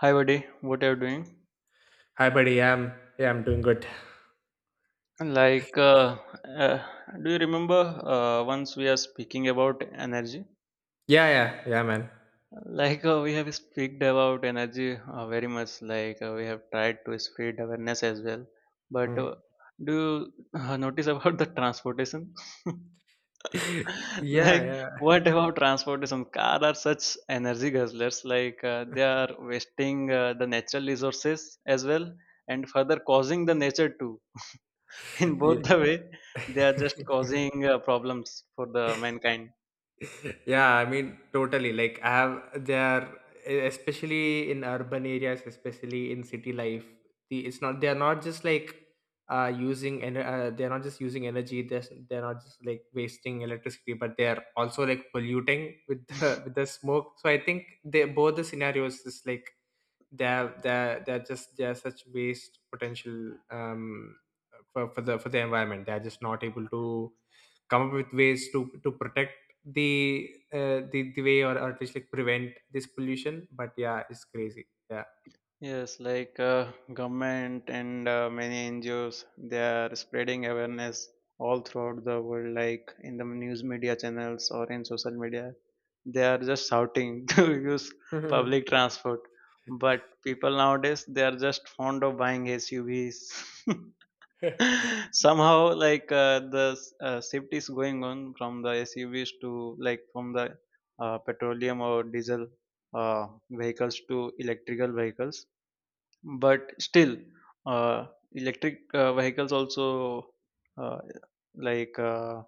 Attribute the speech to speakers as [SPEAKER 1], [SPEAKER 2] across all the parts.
[SPEAKER 1] Hi, buddy. What are you doing?
[SPEAKER 2] Hi, buddy. Yeah, I'm doing good.
[SPEAKER 1] Like, uh, do you remember once we are speaking about energy?
[SPEAKER 2] Yeah, yeah, yeah, man.
[SPEAKER 1] Like, we have speaked about energy very much. Like, we have tried to spread awareness as well. But
[SPEAKER 2] Mm.
[SPEAKER 1] do you notice about the transportation?
[SPEAKER 2] Yeah,
[SPEAKER 1] Like,
[SPEAKER 2] yeah,
[SPEAKER 1] what about transportation? Car are such energy guzzlers. Like, they are wasting the natural resources as well, and further causing the nature too in both the way
[SPEAKER 2] yeah.
[SPEAKER 1] they are just causing problems for the mankind.
[SPEAKER 2] Yeah, I mean, totally. Like, I have there, especially in urban areas, especially in city life, the it's not, they're not just like using and they're not just using energy. They're not just like wasting electricity, but they're also like polluting with the with the smoke. So I think they both the scenarios is like they're just they're such waste potential. um for the environment, they're just not able to come up with ways to protect the way or at least like prevent this pollution, but yeah, it's crazy, yeah.
[SPEAKER 1] Yes, like, government and many NGOs, they are spreading awareness all throughout the world, like in the news media channels or in social media. They are just shouting to use public transport. But people nowadays, they are just fond of buying SUVs. Somehow, like the shift is going on from the SUVs to like from the petroleum or diesel vehicles to electrical vehicles. But still, uh, electric vehicles also, uh, like,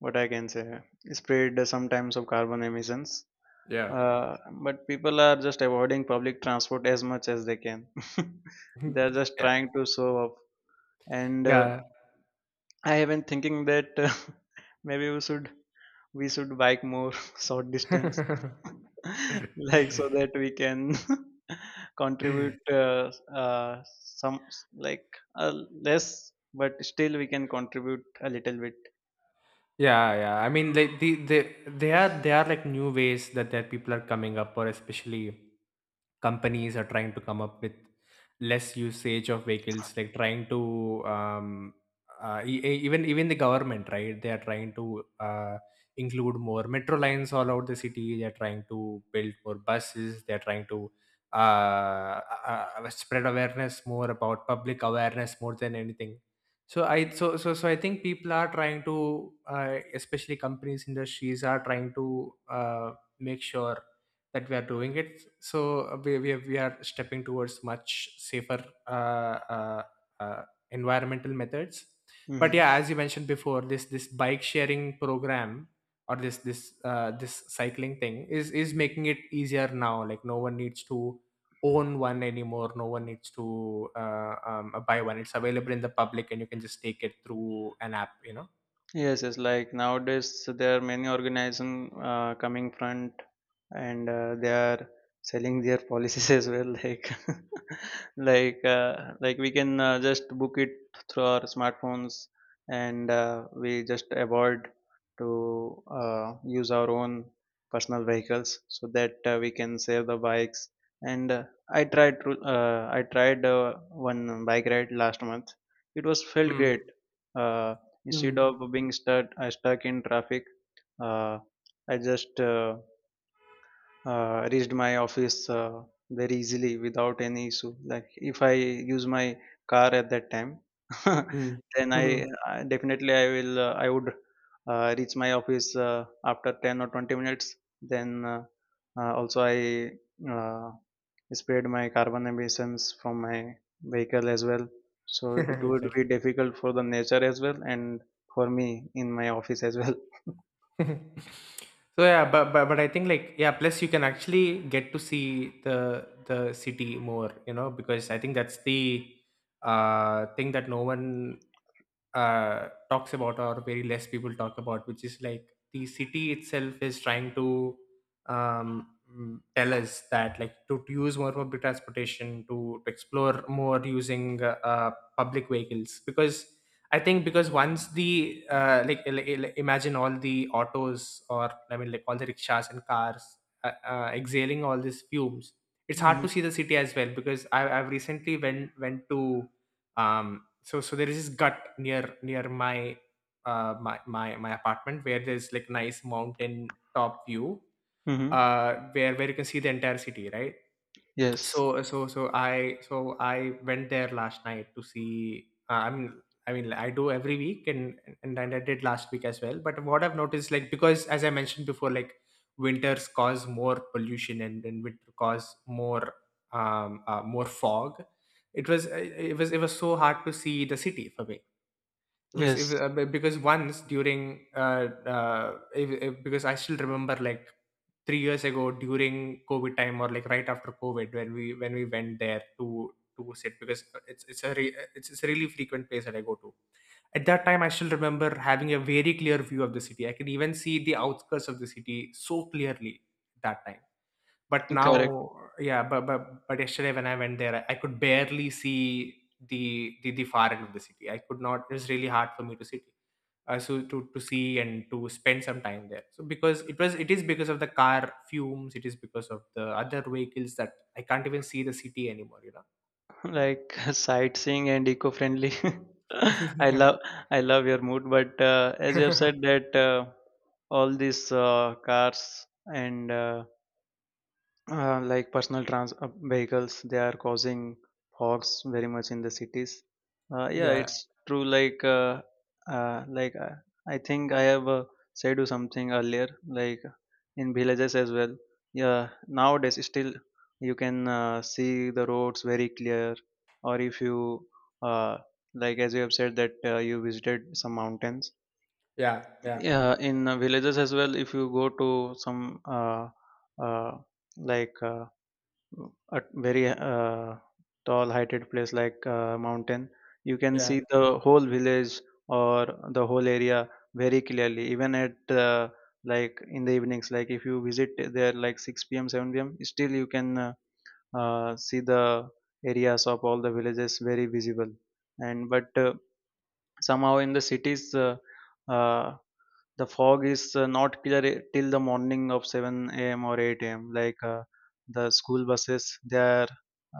[SPEAKER 1] what I can say, spread sometimes of carbon emissions.
[SPEAKER 2] Yeah.
[SPEAKER 1] uh, but people are just avoiding public transport as much as they can. They are just
[SPEAKER 2] Yeah,
[SPEAKER 1] trying to show off. And
[SPEAKER 2] yeah.
[SPEAKER 1] I have been thinking that maybe we should bike more short distance, like so that we can contribute some, like less, but still we can contribute a little bit.
[SPEAKER 2] Yeah, yeah, I mean, like, they are like new ways that people are coming up, or especially companies are trying to come up with less usage of vehicles, like trying to um, even the government, right? They are trying to uh, include more metro lines all out the city. They are trying to build more buses. They are trying to uh, spread awareness more about public awareness more than anything. So I think people are trying to, especially companies industries are trying to uh, make sure that we are doing it. So we are stepping towards much safer uh, environmental methods. But
[SPEAKER 1] Hmm.
[SPEAKER 2] yeah, as you mentioned before, this bike sharing program, or this cycling thing is making it easier now. Like, no one needs to own one anymore. No one needs to buy one. It's available in the public, and you can just take it through an app.
[SPEAKER 1] Yes, yes. Like nowadays, there are many organization coming front, and they are selling their policies as well. Like like we can just book it through our smartphones, and we just avoid to use our own personal vehicles so that we can save the bikes. And I tried one bike ride last month. It was felt
[SPEAKER 2] Hmm.
[SPEAKER 1] great. uh,
[SPEAKER 2] Hmm.
[SPEAKER 1] Instead of being stuck, stuck in traffic, uh, I just reached my office very easily without any issue. Like, if I use my car at that time, then I,
[SPEAKER 2] Hmm.
[SPEAKER 1] I definitely I would reach my office after 10 or 20 minutes. Then also I uh, spared my carbon emissions from my vehicle as well. So it would
[SPEAKER 2] Exactly.
[SPEAKER 1] be difficult for the nature as well, and for me in my office as well.
[SPEAKER 2] So yeah, but I think, like, yeah, plus you can actually get to see the city more, you know, because I think that's the thing that no one talks about, or very less people talk about, which is like the city itself is trying to, tell us that, like, to, use more public transportation, to, explore more using public vehicles, because I think, because once the like, like, imagine all the autos, or I mean, like, all the rickshaws and cars exhaling all these fumes. It's hard
[SPEAKER 1] Hmm.
[SPEAKER 2] to see the city as well, because I've recently went to, so there is this gut near my apartment, where there's like nice mountain top view,
[SPEAKER 1] Hmm.
[SPEAKER 2] where you can see the entire city, right?
[SPEAKER 1] Yes.
[SPEAKER 2] So I went there last night to see, I mean, I do every week, and I did last week as well, but what I've noticed, like, because, as I mentioned before, like, winters cause more pollution, and then winter cause more fog. It was so hard to see the city for me. It if,
[SPEAKER 1] Yes.
[SPEAKER 2] be- because once during if, because I still remember, like, 3 years ago during COVID time, or like right after COVID, when we went there to sit, because it's a it's a really frequent place that I go to. At that time, I still remember having a very clear view of the city. I can even see the outskirts of the city so clearly at that time. But
[SPEAKER 1] Correct.
[SPEAKER 2] now, yeah, but yesterday when I went there, I could barely see the far end of the city. I could not. It's really hard for me to see, to see and to spend some time there. So, because it is because of the car fumes. It is because of the other vehicles that I can't even see the city anymore.
[SPEAKER 1] Like, sightseeing and eco-friendly. I
[SPEAKER 2] Yeah.
[SPEAKER 1] love I love your mood, but as you have said that all these cars and like personal trans vehicles, they are causing fogs very much in the cities. Yeah,
[SPEAKER 2] Yeah.
[SPEAKER 1] it's true. Like uh, like uh, I think I have said you something earlier, like in villages as well. Yeah, nowadays still you can see the roads very clear. Or if you, uh, like as you have said that you visited some mountains.
[SPEAKER 2] Yeah. Yeah.
[SPEAKER 1] Yeah, in villages as well, if you go to some uh, uh, like, at very tall heighted place like mountain, you can
[SPEAKER 2] Yeah.
[SPEAKER 1] see the whole village or the whole area very clearly, even at uh, like in the evenings, like if you visit there like 6 p.m 7 p.m, still you can see the areas of all the villages very visible. And but somehow in the cities, uh, the fog is not clear till the morning of 7 a.m. or 8 a.m. Like, the school buses, they are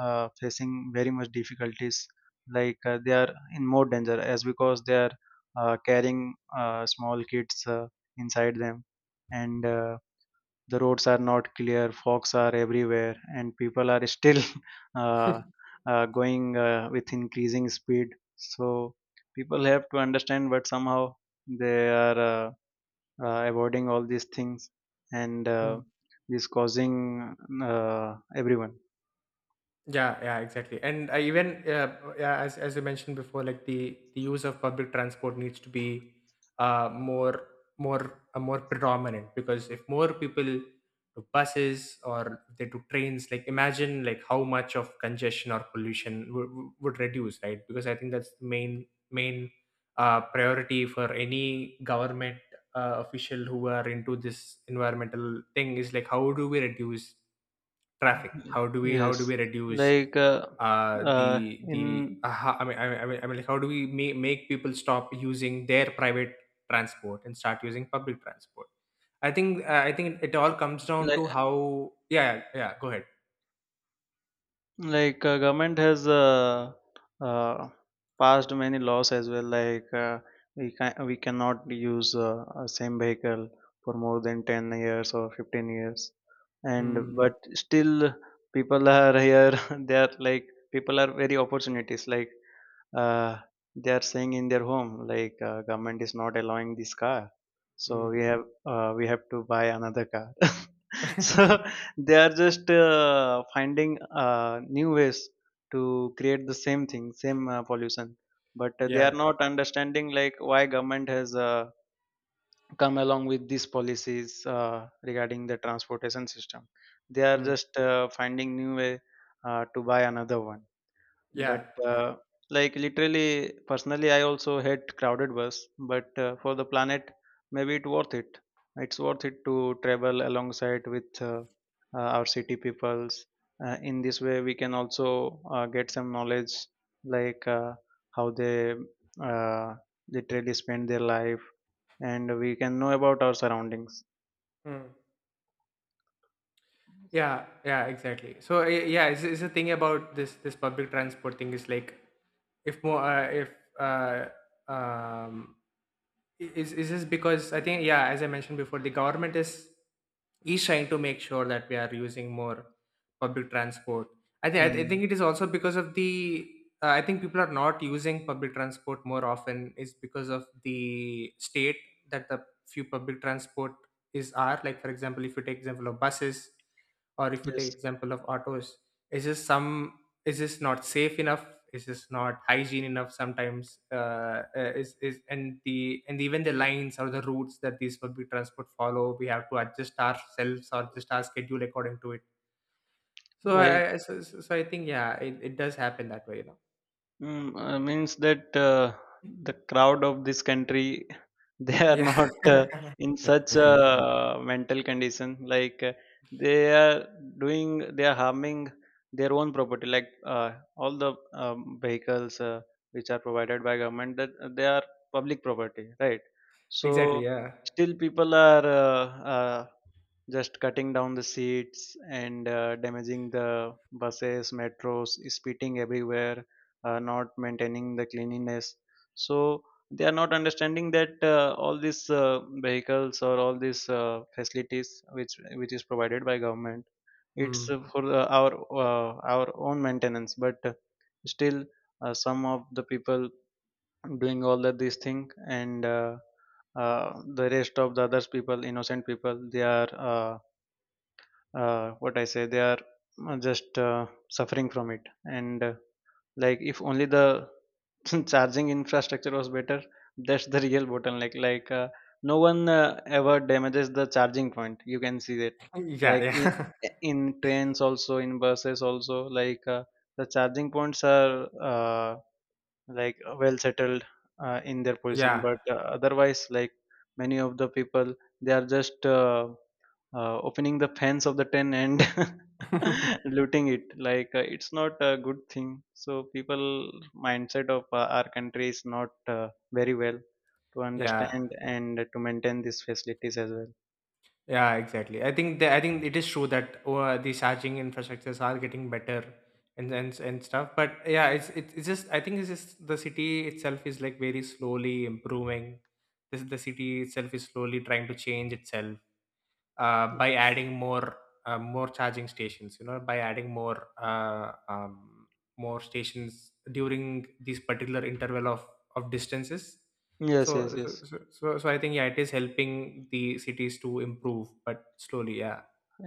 [SPEAKER 1] facing very much difficulties. Like, they are in more danger as because they are carrying small kids inside them, and the roads are not clear. Fogs are everywhere, and people are still uh, going with increasing speed. So people have to understand, but somehow they are avoiding all these things, and
[SPEAKER 2] Hmm.
[SPEAKER 1] this causing everyone.
[SPEAKER 2] Yeah, yeah, exactly. And even, yeah, as you mentioned before, like, the use of public transport needs to be uh more more predominant, because if more people do buses or they do trains, like, imagine like how much of congestion or pollution would reduce, right? Because I think that's the main priority for any government official who are into this environmental thing, is like, how do we reduce traffic, how do we
[SPEAKER 1] Yes,
[SPEAKER 2] reduce
[SPEAKER 1] like uh, in
[SPEAKER 2] I mean, like, how do we make people stop using their private transport and start using public transport? I think it all comes down
[SPEAKER 1] like
[SPEAKER 2] to how. Yeah, yeah, yeah, go ahead.
[SPEAKER 1] like government has uh, passed many laws as well, like we cannot use a same vehicle for more than 10 years or 15 years. And
[SPEAKER 2] Mm,
[SPEAKER 1] but still, people are here. They are like, people are very opportunities, like uh, they are saying in their home like government is not allowing this car, so
[SPEAKER 2] mm,
[SPEAKER 1] we have to buy another car. So they are just finding new ways to create the same thing, same pollution. But they
[SPEAKER 2] yeah.
[SPEAKER 1] are not understanding like why government has come along with these policies regarding the transportation system. They are
[SPEAKER 2] Mm,
[SPEAKER 1] just finding new way to buy another one. But
[SPEAKER 2] yeah, yeah.
[SPEAKER 1] like, literally, personally, I also hate crowded bus. But for the planet, maybe it's worth it. It's worth it to travel alongside with our city peoples. In this way, we can also get some knowledge, like how they uh, literally spend their life, and we can know about our surroundings.
[SPEAKER 2] Mm. Yeah, yeah, exactly. So yeah, it's a thing about this public transport thing, is like, if more if uh, um, is this because, I think, yeah, as I mentioned before, the government is trying to make sure that we are using more public transport. I
[SPEAKER 1] Hmm.
[SPEAKER 2] think it is also because of the, I think people are not using public transport more often, is because of the state that the few public transport is are like, for example, if you take example of buses, or if you take
[SPEAKER 1] Yes,
[SPEAKER 2] example of autos, it's just some. Is this not safe enough? Is this not hygiene enough sometimes? Is and The and even the lines or the routes that these public transport follow, we have to adjust ourselves or adjust our schedule according to it. so
[SPEAKER 1] like,
[SPEAKER 2] i I- so, so so i think, yeah, it does happen that way.
[SPEAKER 1] Mm, means that the crowd of this country, they are
[SPEAKER 2] Yeah.
[SPEAKER 1] not in such a mental condition, like they are doing, they are harming their own property, like all the vehicles which are provided by government, that they are public property, right?
[SPEAKER 2] Exactly.
[SPEAKER 1] So
[SPEAKER 2] Yeah.
[SPEAKER 1] still, people are uh, just cutting down the seats, and damaging the buses, metros, spitting everywhere, not maintaining the cleanliness. So they are not understanding that all these vehicles or all these facilities which is provided by government, it's
[SPEAKER 2] Mm.
[SPEAKER 1] for our own maintenance. But still, some of the people doing all that this thing. And the rest of the others people, innocent people, they are, what I say, they are just suffering from it. And like, if only the charging infrastructure was better, that's the real bottleneck. Like, no one ever damages the charging point, you can see that.
[SPEAKER 2] Yeah,
[SPEAKER 1] Like,
[SPEAKER 2] yeah.
[SPEAKER 1] in trains also, in buses also, like the charging points are like well settled in their position.
[SPEAKER 2] Yeah.
[SPEAKER 1] But otherwise, like many of the people, they are just opening the fence of the tent and looting it. Like, it's not a good thing. So people mindset of our country is not very well to
[SPEAKER 2] Yeah.
[SPEAKER 1] understand and to maintain these facilities as well.
[SPEAKER 2] Yeah, exactly. I think it is true that, oh, the charging infrastructures are getting better, and stuff. But yeah, it's just, I think, it's just the city itself is like very slowly improving. This the city itself is slowly trying to change itself, by adding more more charging stations, you know, by adding more more stations during these particular interval of distances.
[SPEAKER 1] Yes, yes,
[SPEAKER 2] so so,
[SPEAKER 1] yes.
[SPEAKER 2] so so so i think, yeah, it is helping the cities to improve, but slowly, yeah.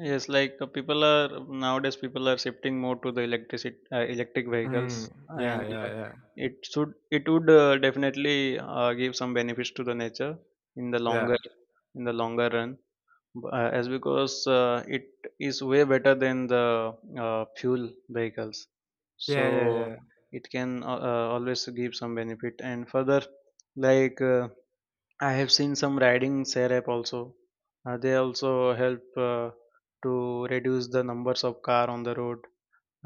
[SPEAKER 1] Yes, like people are, nowadays people are shifting more to the electricity, electric vehicles.
[SPEAKER 2] Mm, yeah.
[SPEAKER 1] And
[SPEAKER 2] Yeah, yeah.
[SPEAKER 1] it should, it would definitely give some benefits to the nature in the
[SPEAKER 2] Yeah,
[SPEAKER 1] longer, in the longer run. As because it is way better than the fuel vehicles.
[SPEAKER 2] yeah, yeah.
[SPEAKER 1] So
[SPEAKER 2] Yeah.
[SPEAKER 1] it can always give some benefit. And further, like I have seen some riding share app also. They also help to reduce the numbers of car on the road.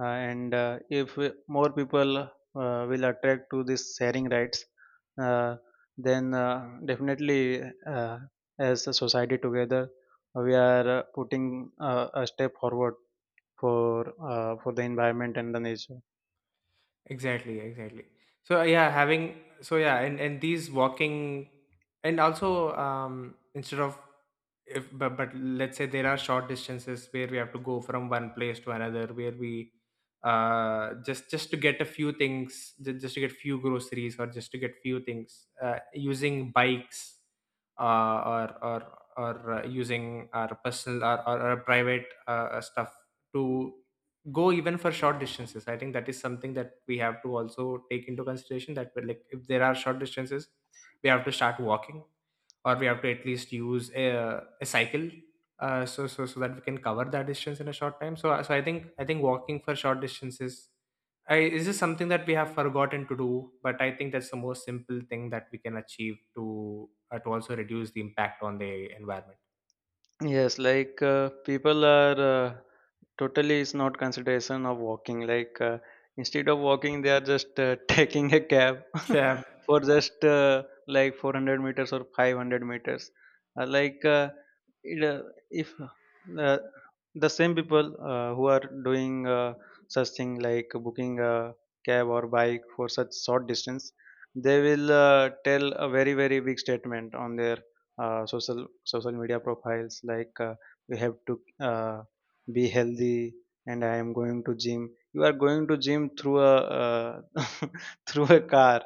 [SPEAKER 1] And if more people will attract to this sharing rights, uh, then definitely, uh, as a society together, we are putting a step forward for for the environment and the nature.
[SPEAKER 2] Exactly, exactly. So yeah, and these walking, and also, um, instead of, if, but let's say there are short distances where we have to go from one place to another, where we just to get a few things, just to get few groceries, or just to get few things using bikes, uh or or or using our personal, or private stuff, to go even for short distances. I think that is something that we have to also take into consideration, that we're, like, if there are short distances, we have to start walking, or we have to at least use a cycle, so that we can cover that distance in a short time. So I think walking for short distances, is this something that we have forgotten to do, but I think that's the most simple thing that we can achieve to, to also reduce the impact on the environment.
[SPEAKER 1] Yes, like people are, uh, totally is not consideration of walking. Like, instead of walking, they are just taking a cab
[SPEAKER 2] Yeah,
[SPEAKER 1] for just, like, 400 meters or 500 meters. Like, it, uh, if uh, the same people who are doing such thing like booking a cab or bike for such short distance, they will tell a very, very big statement on their uh, social social media profiles, like you have to uh, be healthy, and I am going to gym. You are going to gym through a uh, through a car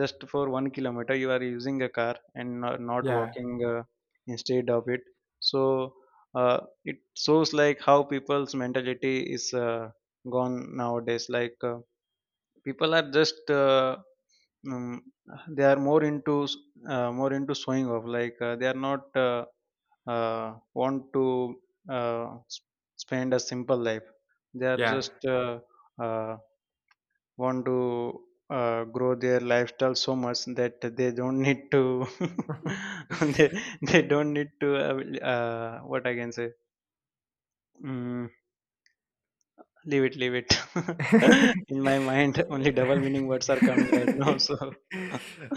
[SPEAKER 1] just for 1 kilometer. You are using a car and not
[SPEAKER 2] yeah,
[SPEAKER 1] walking instead of it. So uh, it shows like how people's mentality is gone nowadays. Like, people are just um, they are more into showing off. Like, they are not want to uh, s- spend a simple life. They are just uh, want to grow their lifestyle so much that they don't need to
[SPEAKER 2] yeah.
[SPEAKER 1] they, they don't need to, what I can say, mm, leave it, leave it. In my mind, only double meaning words are coming right now, so.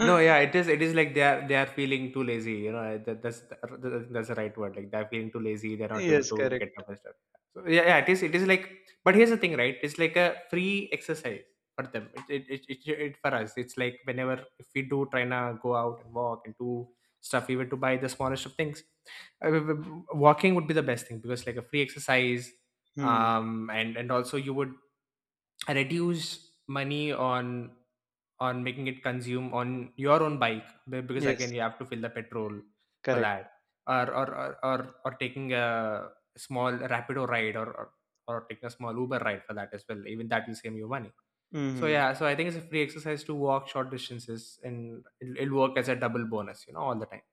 [SPEAKER 2] No, yeah, it is. It is like, they are feeling too lazy. You know, that, that's that's the right word. Like, they're feeling too lazy. They're not able
[SPEAKER 1] Yes,
[SPEAKER 2] to get
[SPEAKER 1] correct.
[SPEAKER 2] up and stuff. So yeah, yeah, it is. It is like. But here's the thing, right? It's like a free exercise for them. It for us. It's like, whenever if we do try to go out and walk and do stuff, even to buy the smallest of things, walking would be the best thing, because like a free exercise,
[SPEAKER 1] Hmm.
[SPEAKER 2] um and also you would reduce money on making it consume on your own bike, because again
[SPEAKER 1] Yes,
[SPEAKER 2] you have to fill the petrol for that,
[SPEAKER 1] correct.
[SPEAKER 2] or or or or, or taking a small rapido ride, or, or taking a small uber ride for that as well, even that will save you money. so
[SPEAKER 1] Mm-hmm.
[SPEAKER 2] yeah so i think it's a free exercise to walk short distances, and it'll work as a double bonus, you know, all the time.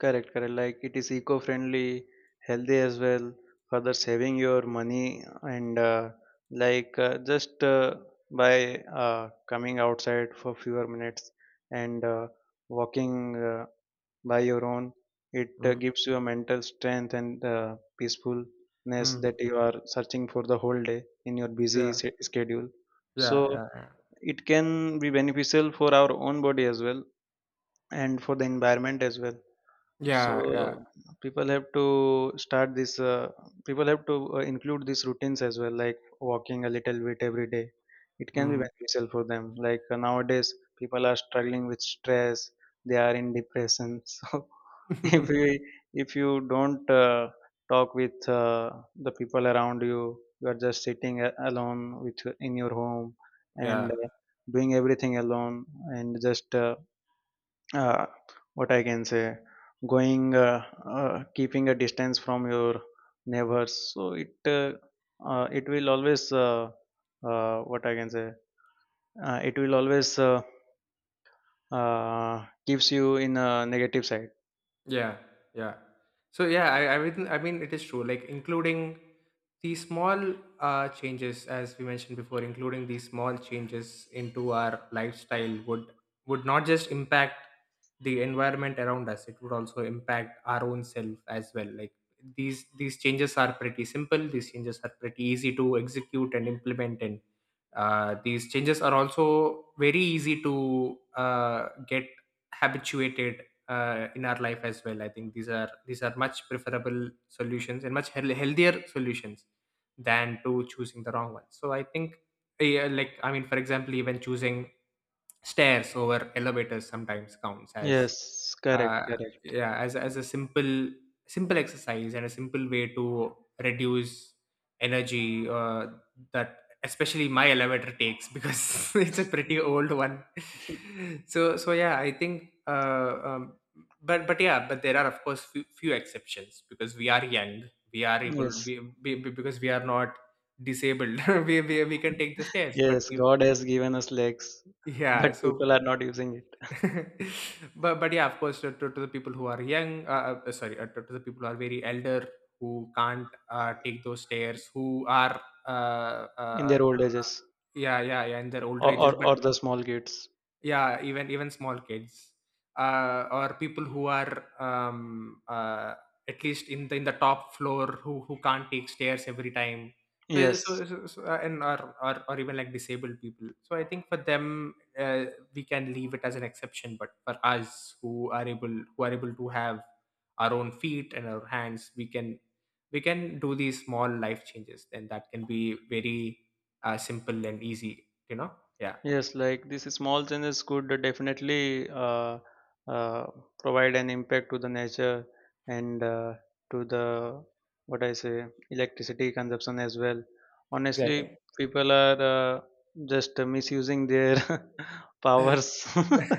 [SPEAKER 1] Correct, correct. Like, it is eco-friendly, healthy as well. Further saving your money. And like, just by coming outside for fewer minutes, and walking by your own, it
[SPEAKER 2] Mm,
[SPEAKER 1] gives you a mental strength and peacefulness
[SPEAKER 2] mm,
[SPEAKER 1] that you are searching for the whole day in your busy
[SPEAKER 2] yeah.
[SPEAKER 1] schedule.
[SPEAKER 2] Yeah,
[SPEAKER 1] So
[SPEAKER 2] yeah. Yeah,
[SPEAKER 1] it can be beneficial for our own body as well, and for the environment as well. So
[SPEAKER 2] yeah, yeah.
[SPEAKER 1] people have to start this. People have to include these routines as well, like walking a little bit every day. It can be
[SPEAKER 2] Mm.
[SPEAKER 1] beneficial for them. Like nowadays, people are struggling with stress. They are in depression. So if you don't talk with the people around you, you are just sitting alone with in your home, and
[SPEAKER 2] Yeah.
[SPEAKER 1] doing everything alone. And just, uh, what I can say, going, keeping a distance from your neighbors. So it, it will always what I can say. It will always, keeps you in a negative side.
[SPEAKER 2] Yeah, yeah. So yeah, I mean, it is true. Like, including these small changes, as we mentioned before, including these small changes into our lifestyle would not just impact the environment around us; it would also impact our own self as well. Like, these changes are pretty simple. These changes are pretty easy to execute and implement, and these changes are also very easy to get habituated in our life as well. I think these are much preferable solutions and much healthier solutions, than to choosing the wrong one. So I think, yeah, like, I mean, for example, even choosing stairs over elevators sometimes counts as,
[SPEAKER 1] Yes,
[SPEAKER 2] uh,
[SPEAKER 1] correct, correct.
[SPEAKER 2] yeah, as a simple exercise, and a simple way to reduce energy, that especially my elevator takes, because it's a pretty old one. Yeah, I think, but yeah, but there are, of course, few exceptions, because we are young, we are able,
[SPEAKER 1] Yes,
[SPEAKER 2] because we are not disabled. We we can take the stairs, but
[SPEAKER 1] yes.
[SPEAKER 2] we,
[SPEAKER 1] God has given us legs,
[SPEAKER 2] yeah,
[SPEAKER 1] but
[SPEAKER 2] so.
[SPEAKER 1] people are not using it,
[SPEAKER 2] But yeah, of course, to, to the people who are young, sorry, to the people who are very elder, who can't take those stairs, who are, uh,
[SPEAKER 1] in
[SPEAKER 2] uh,
[SPEAKER 1] their old ages.
[SPEAKER 2] yeah, yeah, yeah, in their older
[SPEAKER 1] or
[SPEAKER 2] ages.
[SPEAKER 1] or,
[SPEAKER 2] But
[SPEAKER 1] or the small kids.
[SPEAKER 2] yeah, even small kids, or people who are, at least in the top floor, who can't take stairs every time. So
[SPEAKER 1] Yes.
[SPEAKER 2] so, so, so and or even like disabled people. So I think for them, we can leave it as an exception. But for us who are able, to have our own feet and our hands, we can do these small life changes, and that can be very, simple and easy. Yeah.
[SPEAKER 1] Yes, like these small changes could definitely uh, provide an impact to the nature, and to the, what I say, electricity consumption as well. Honestly,
[SPEAKER 2] Exactly.
[SPEAKER 1] people are uh, just misusing their powers.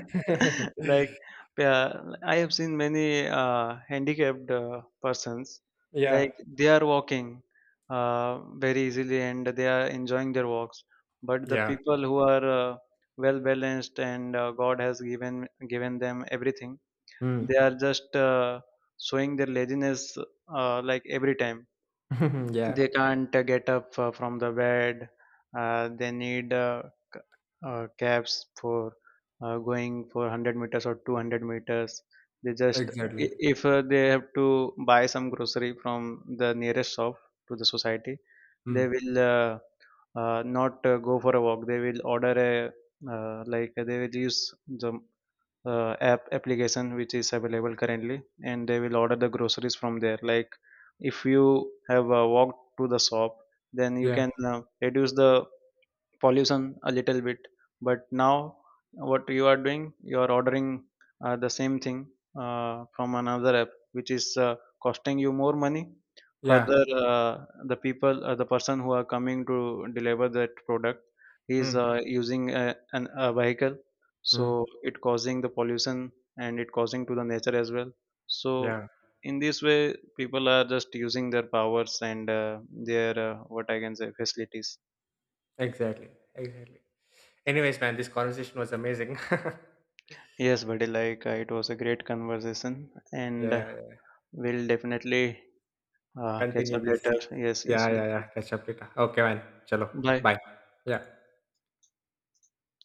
[SPEAKER 1] Like, yeah, I have seen many handicapped persons,
[SPEAKER 2] Yeah,
[SPEAKER 1] like they are walking very easily, and they are enjoying their walks. But the
[SPEAKER 2] yeah.
[SPEAKER 1] people who are uh, well balanced, and god has given them everything, they
[SPEAKER 2] Mm.
[SPEAKER 1] are just showing their laziness, like every time.
[SPEAKER 2] Yeah,
[SPEAKER 1] They can't get up from the bed. They need cabs for going for 100 meters or 200 meters. They just,
[SPEAKER 2] exactly.
[SPEAKER 1] if they have to buy some grocery from the nearest shop to the society, they
[SPEAKER 2] Mm.
[SPEAKER 1] will not go for a walk. They will order a, like they will use the app application, which is available currently, and they will order the groceries from there. Like, if you have walked to the shop, then you
[SPEAKER 2] Yeah,
[SPEAKER 1] can reduce the pollution a little bit. But now, what you are doing, you are ordering the same thing from another app, which is costing you more money.
[SPEAKER 2] yeah.
[SPEAKER 1] Further, the people, the person who are coming to deliver that product, he is
[SPEAKER 2] Mm.
[SPEAKER 1] using a, an, a vehicle.
[SPEAKER 2] Mm.
[SPEAKER 1] So it causing the pollution, and it causing to the nature as well. So
[SPEAKER 2] Yeah,
[SPEAKER 1] in this way, people are just using their powers and their, what I can say, facilities.
[SPEAKER 2] exactly. Exactly. Anyways, man, this conversation was amazing.
[SPEAKER 1] Yes, buddy, like it was a great conversation, and
[SPEAKER 2] Yeah, yeah.
[SPEAKER 1] we'll definitely catch
[SPEAKER 2] Continue
[SPEAKER 1] up
[SPEAKER 2] this.
[SPEAKER 1] later. Yes,
[SPEAKER 2] Yeah,
[SPEAKER 1] yes.
[SPEAKER 2] yeah, yeah. Catch up later. Okay, man. Chalo.
[SPEAKER 1] Bye.
[SPEAKER 2] Bye. Yeah.